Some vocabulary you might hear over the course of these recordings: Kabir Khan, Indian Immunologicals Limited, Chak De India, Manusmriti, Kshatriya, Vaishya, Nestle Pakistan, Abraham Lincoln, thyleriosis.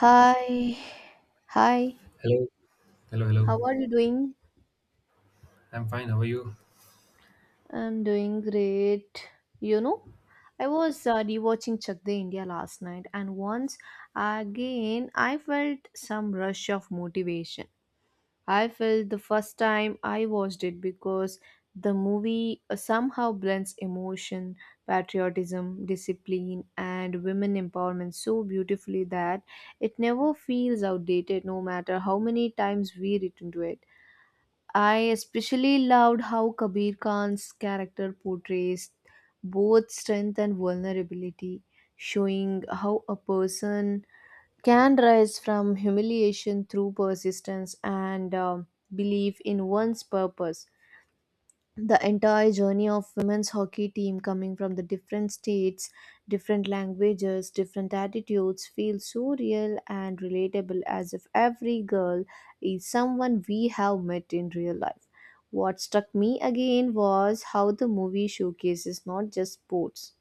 Hi, hi, Hello, hello, hello. how are you doing? I'm fine. How are you? I'm doing great. You know, I was rewatching Chak De India last night, and once again I felt some rush of motivation. I felt the first time I watched it because the movie somehow blends emotion, patriotism, discipline, and women empowerment so beautifully that it never feels outdated, no matter how many times we return to it. I especially loved how Kabir Khan's character portrays both strength and vulnerability, showing how a person can rise from humiliation through persistence and belief in one's purpose. The entire journey of women's hockey team coming from the different states, different languages, different attitudes feels so real and relatable, as if every girl is someone we have met in real life. What struck me again was how the movie showcases not just sports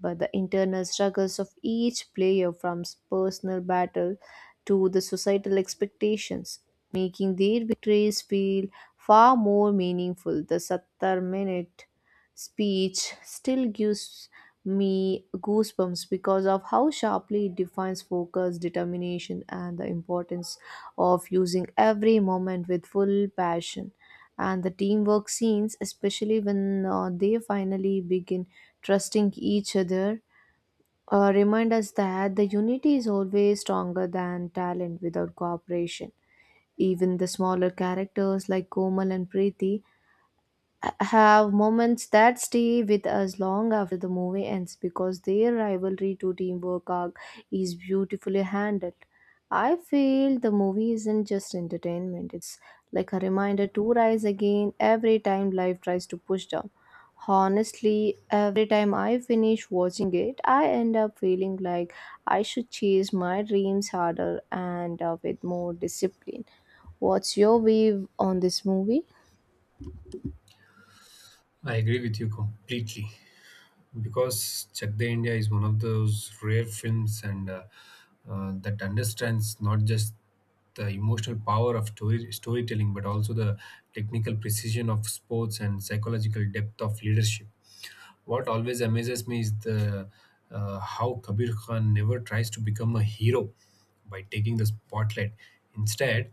but the internal struggles of each player, from personal battle to the societal expectations, making their victories feel far more meaningful. The 70-minute speech still gives me goosebumps because of how sharply it defines focus, determination, and the importance of using every moment with full passion. And the teamwork scenes, especially when they finally begin trusting each other, remind us that the unity is always stronger than talent without cooperation. Even the smaller characters like Komal and Preeti have moments that stay with us long after the movie ends because their rivalry to teamwork arc is beautifully handled. I feel the movie isn't just entertainment, it's like a reminder to rise again every time life tries to push down. Honestly, every time I finish watching it, I end up feeling like I should chase my dreams harder and with more discipline. What's your view on this movie? I agree with you completely because Chak De India is one of those rare films and that understands not just the emotional power of story, storytelling but also the technical precision of sports and psychological depth of leadership. What always amazes me is the how Kabir Khan never tries to become a hero by taking the spotlight. Instead,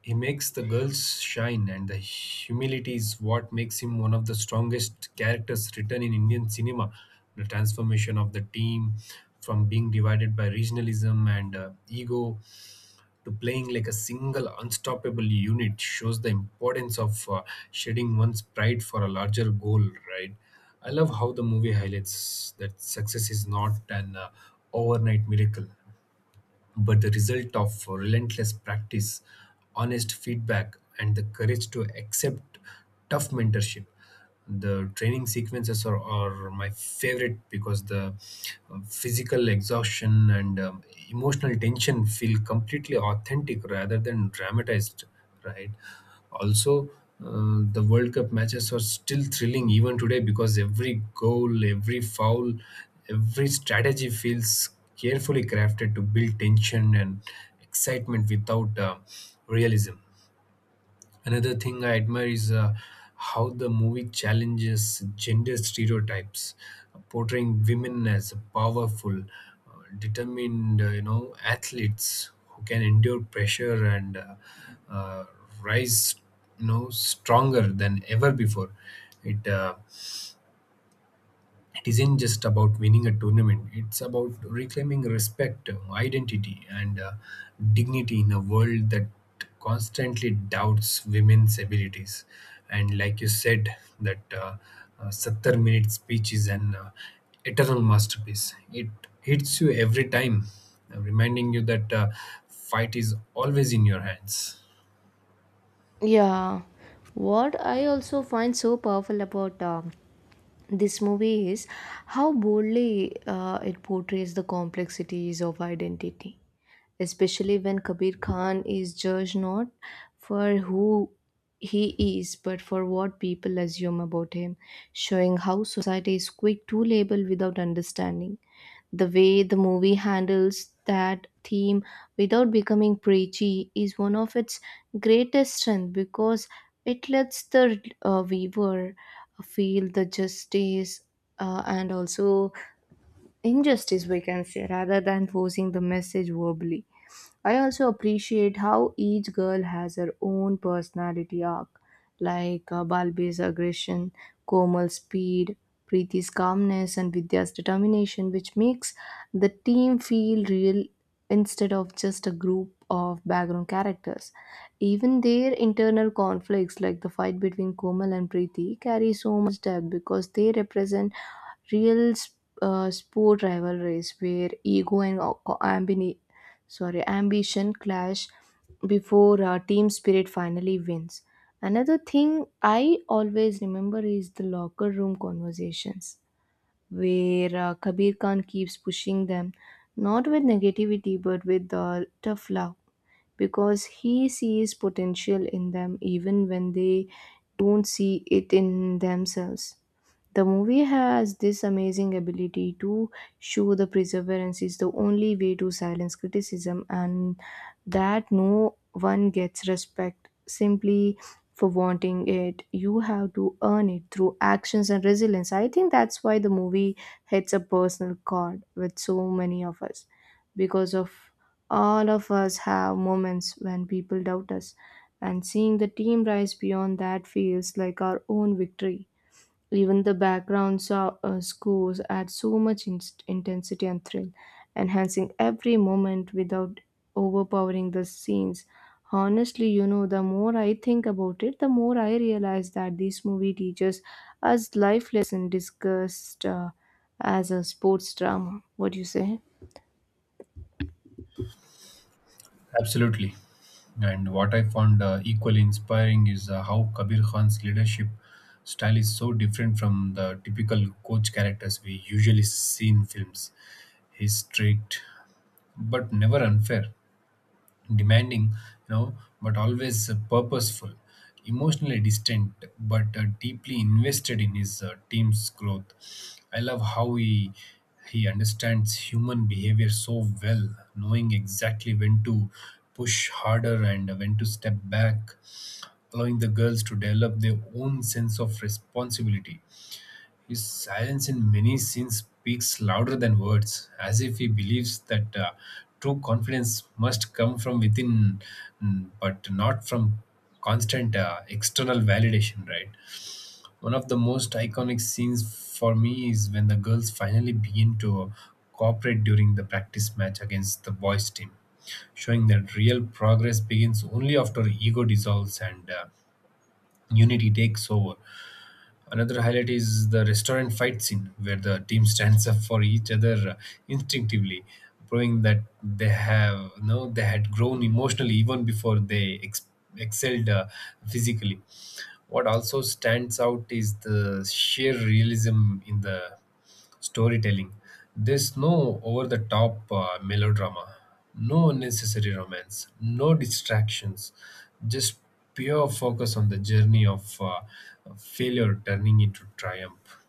he makes the girls shine, and the humility is what makes him one of the strongest characters written in Indian cinema. The transformation of the team from being divided by regionalism and ego to playing like a single unstoppable unit shows the importance of shedding one's pride for a larger goal, right? I love how the movie highlights that success is not an overnight miracle but the result of relentless practice, honest feedback, and the courage to accept tough mentorship. The training sequences are my favorite because the physical exhaustion and emotional tension feel completely authentic rather than dramatized, right? Also, the World Cup matches are still thrilling even today because every goal, every foul, every strategy feels carefully crafted to build tension and excitement without realism. Another thing I admire is how the movie challenges gender stereotypes, portraying women as powerful, determined, you know, athletes who can endure pressure and uh, rise, you know, stronger than ever before. It uh, it isn't just about winning a tournament. It's about reclaiming respect, identity, and dignity in a world that constantly doubts women's abilities. And like you said, that 70-minute speech is an eternal masterpiece. It hits you every time, reminding you that fight is always in your hands. Yeah, what I also find so powerful about this movie is how boldly it portrays the complexities of identity, especially when Kabir Khan is judged not for who he is but for what people assume about him, showing how society is quick to label without understanding. The way the movie handles that theme without becoming preachy is one of its greatest strength, because it lets the viewer feel the justice and also injustice, we can say, rather than forcing the message verbally. I also appreciate how each girl has her own personality arc, like Balbe's aggression, Komal's speed, Preeti's calmness, and Vidya's determination, which makes the team feel real instead of just a group of background characters. Even their internal conflicts, like the fight between Komal and Preeti, carry so much depth because they represent real sport rivalries where ego and ambition clash before team spirit finally wins. Another thing I always remember is the locker room conversations where Kabir Khan keeps pushing them, not with negativity but with tough love, because he sees potential in them even when they don't see it in themselves. The movie has this amazing ability to show the perseverance is the only way to silence criticism, and that no one gets respect simply for wanting it. You have to earn it through actions and resilience. I think that's why the movie hits a personal chord with so many of us, because of all of us have moments when people doubt us, and seeing the team rise beyond that feels like our own victory. Even the background scores add so much intensity and thrill, enhancing every moment without overpowering the scenes. Honestly, you know, the more I think about it, the more I realize that this movie teaches us life lesson discussed as a sports drama. What do you say? Absolutely. And what I found equally inspiring is how Kabir Khan's leadership style is so different from the typical coach characters we usually see in films. He's strict but never unfair, demanding, you know, but always purposeful, emotionally distant but deeply invested in his team's growth. I love how he understands human behavior so well, knowing exactly when to push harder and when to step back, allowing the girls to develop their own sense of responsibility. His silence in many scenes speaks louder than words, as if he believes that true confidence must come from within, mm, but not from constant external validation, right? One of the most iconic scenes for me is when the girls finally begin to cooperate during the practice match against the boys' team, showing that real progress begins only after ego dissolves and unity takes over. Another highlight is the restaurant fight scene, where the team stands up for each other instinctively, proving that they have no they had grown emotionally even before excelled physically. What also stands out is the sheer realism in the storytelling. There's no over the top melodrama, no unnecessary romance, no distractions, just pure focus on the journey of failure turning into triumph.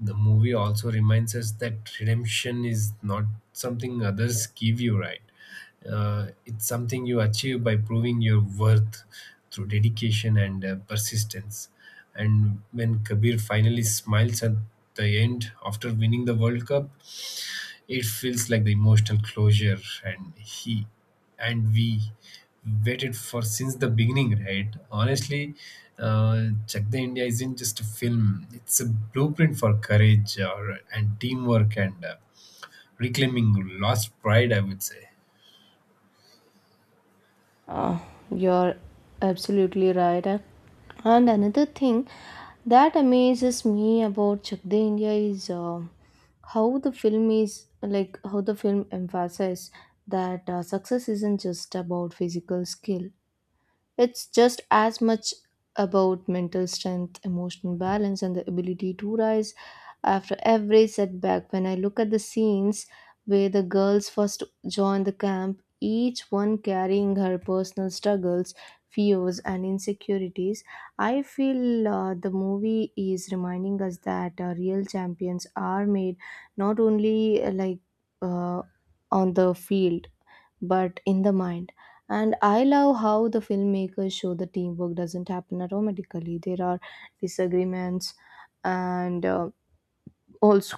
The movie also reminds us that redemption is not something others give you, right? It's something you achieve by proving your worth through dedication and persistence. And when Kabir finally smiles at the end after winning the World Cup, it feels like the emotional closure and he and we waited for since the beginning, right? Honestly, Chak De India isn't just a film; it's a blueprint for courage or, and teamwork and reclaiming lost pride, I would say. Uh, you're absolutely right. And another thing that amazes me about Chak De India is how the film is, like how the film emphasizes that success isn't just about physical skill. It's just as much about mental strength, emotional balance, and the ability to rise after every setback. When I look at the scenes where the girls first join the camp, each one carrying her personal struggles, fears, and insecurities, I feel the movie is reminding us that real champions are made not only uh, on the field but in the mind. And I love how the filmmakers show the teamwork doesn't happen automatically. There are disagreements and also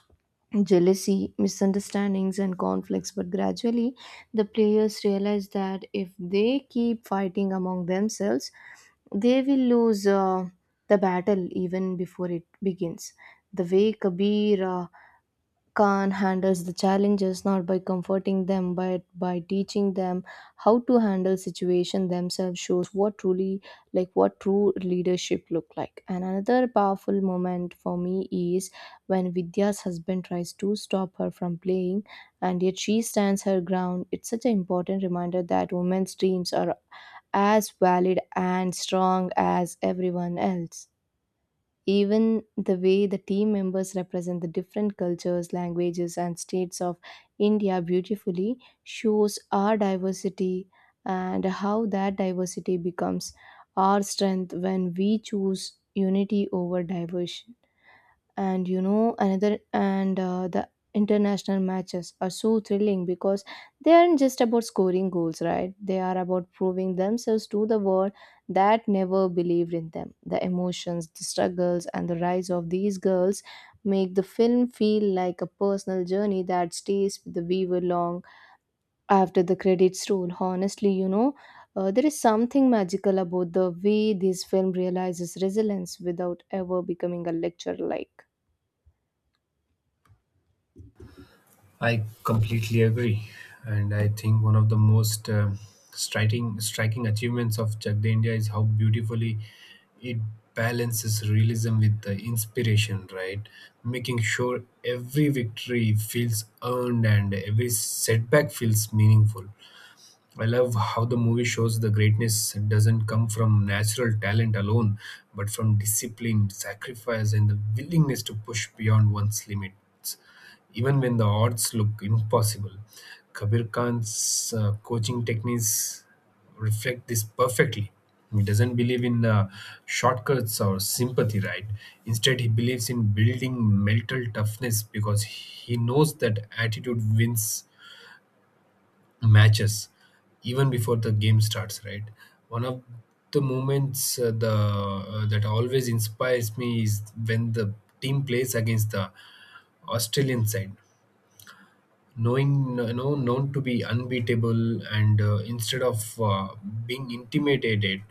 jealousy, misunderstandings, and conflicts. But gradually, the players realize that if they keep fighting among themselves, they will lose the battle even before it begins. The way Kabir Khan handles the challenges not by comforting them but by teaching them how to handle situation themselves shows what truly, like what true leadership look like. And another powerful moment for me is when Vidya's husband tries to stop her from playing and yet she stands her ground. It's such an important reminder that women's dreams are as valid and strong as everyone else. Even the way the team members represent the different cultures, languages, and states of India beautifully shows our diversity, and how that diversity becomes our strength when we choose unity over diversion. And you know, another, and the international matches are so thrilling because they aren't just about scoring goals, right? They are about proving themselves to the world that never believed in them. The emotions, the struggles, and the rise of these girls make the film feel like a personal journey that stays with the viewer long after the credits roll. Honestly, you know, there is something magical about the way this film realizes resilience without ever becoming a lecture, like. I completely agree, and I think one of the most striking achievements of Chakde India is how beautifully it balances realism with the inspiration, right? Making sure every victory feels earned and every setback feels meaningful. I love how the movie shows the greatness doesn't come from natural talent alone, but from discipline, sacrifice, and the willingness to push beyond one's limits, even when the odds look impossible. Kabir Khan's coaching techniques reflect this perfectly. He doesn't believe in shortcuts or sympathy, right? Instead, he believes in building mental toughness because he knows that attitude wins matches even before the game starts, right? One of the moments the that always inspires me is when the team plays against the Australian side, knowing, you know, known to be unbeatable, and instead of being intimidated,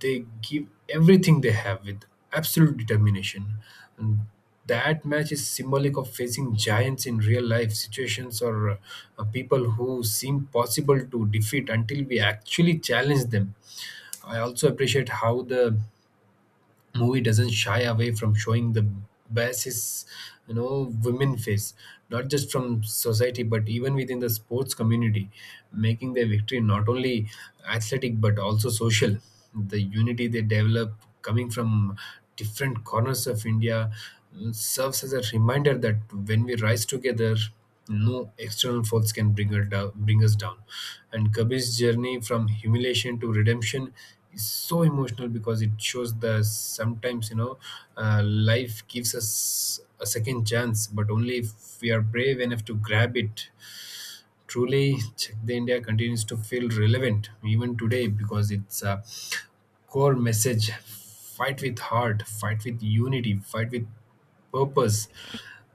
they give everything they have with absolute determination. And that match is symbolic of facing giants in real life situations, or people who seem possible to defeat until we actually challenge them. I also appreciate how the movie doesn't shy away from showing the basis, you know, women face, not just from society but even within the sports community, making their victory not only athletic but also social. The unity they develop, coming from different corners of India, serves as a reminder that when we rise together, no external faults can bring us down. And Kabir's journey from humiliation to redemption is so emotional because it shows the sometimes, you know, life gives us a second chance, but only if we are brave enough to grab it. Truly, Check the India continues to feel relevant even today because it's a core message: fight with heart, fight with unity, fight with purpose.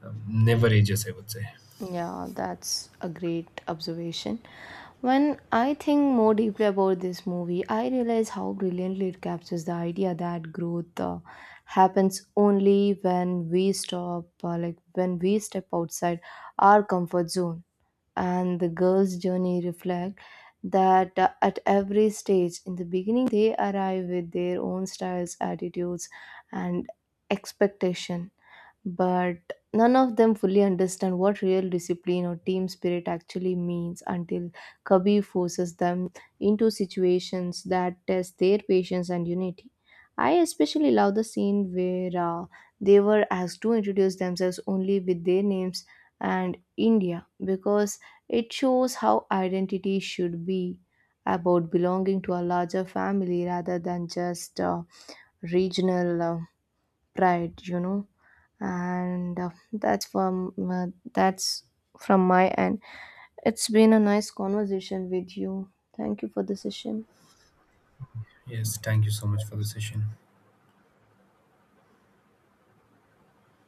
Never ages, I would say. Yeah, that's a great observation. When I think more deeply about this movie, I realize how brilliantly it captures the idea that growth happens only when we stop, like when we step outside our comfort zone. And the girl's journey reflect that at every stage. In the beginning, they arrive with their own styles, attitudes, and expectation, but none of them fully understand what real discipline or team spirit actually means until Kabir forces them into situations that test their patience and unity. I especially love the scene where they were asked to introduce themselves only with their names and India, because it shows how identity should be about belonging to a larger family rather than just regional pride, you know. And that's from my end. It's been a nice conversation with you. Thank you for the session. Yes, thank you so much for the session.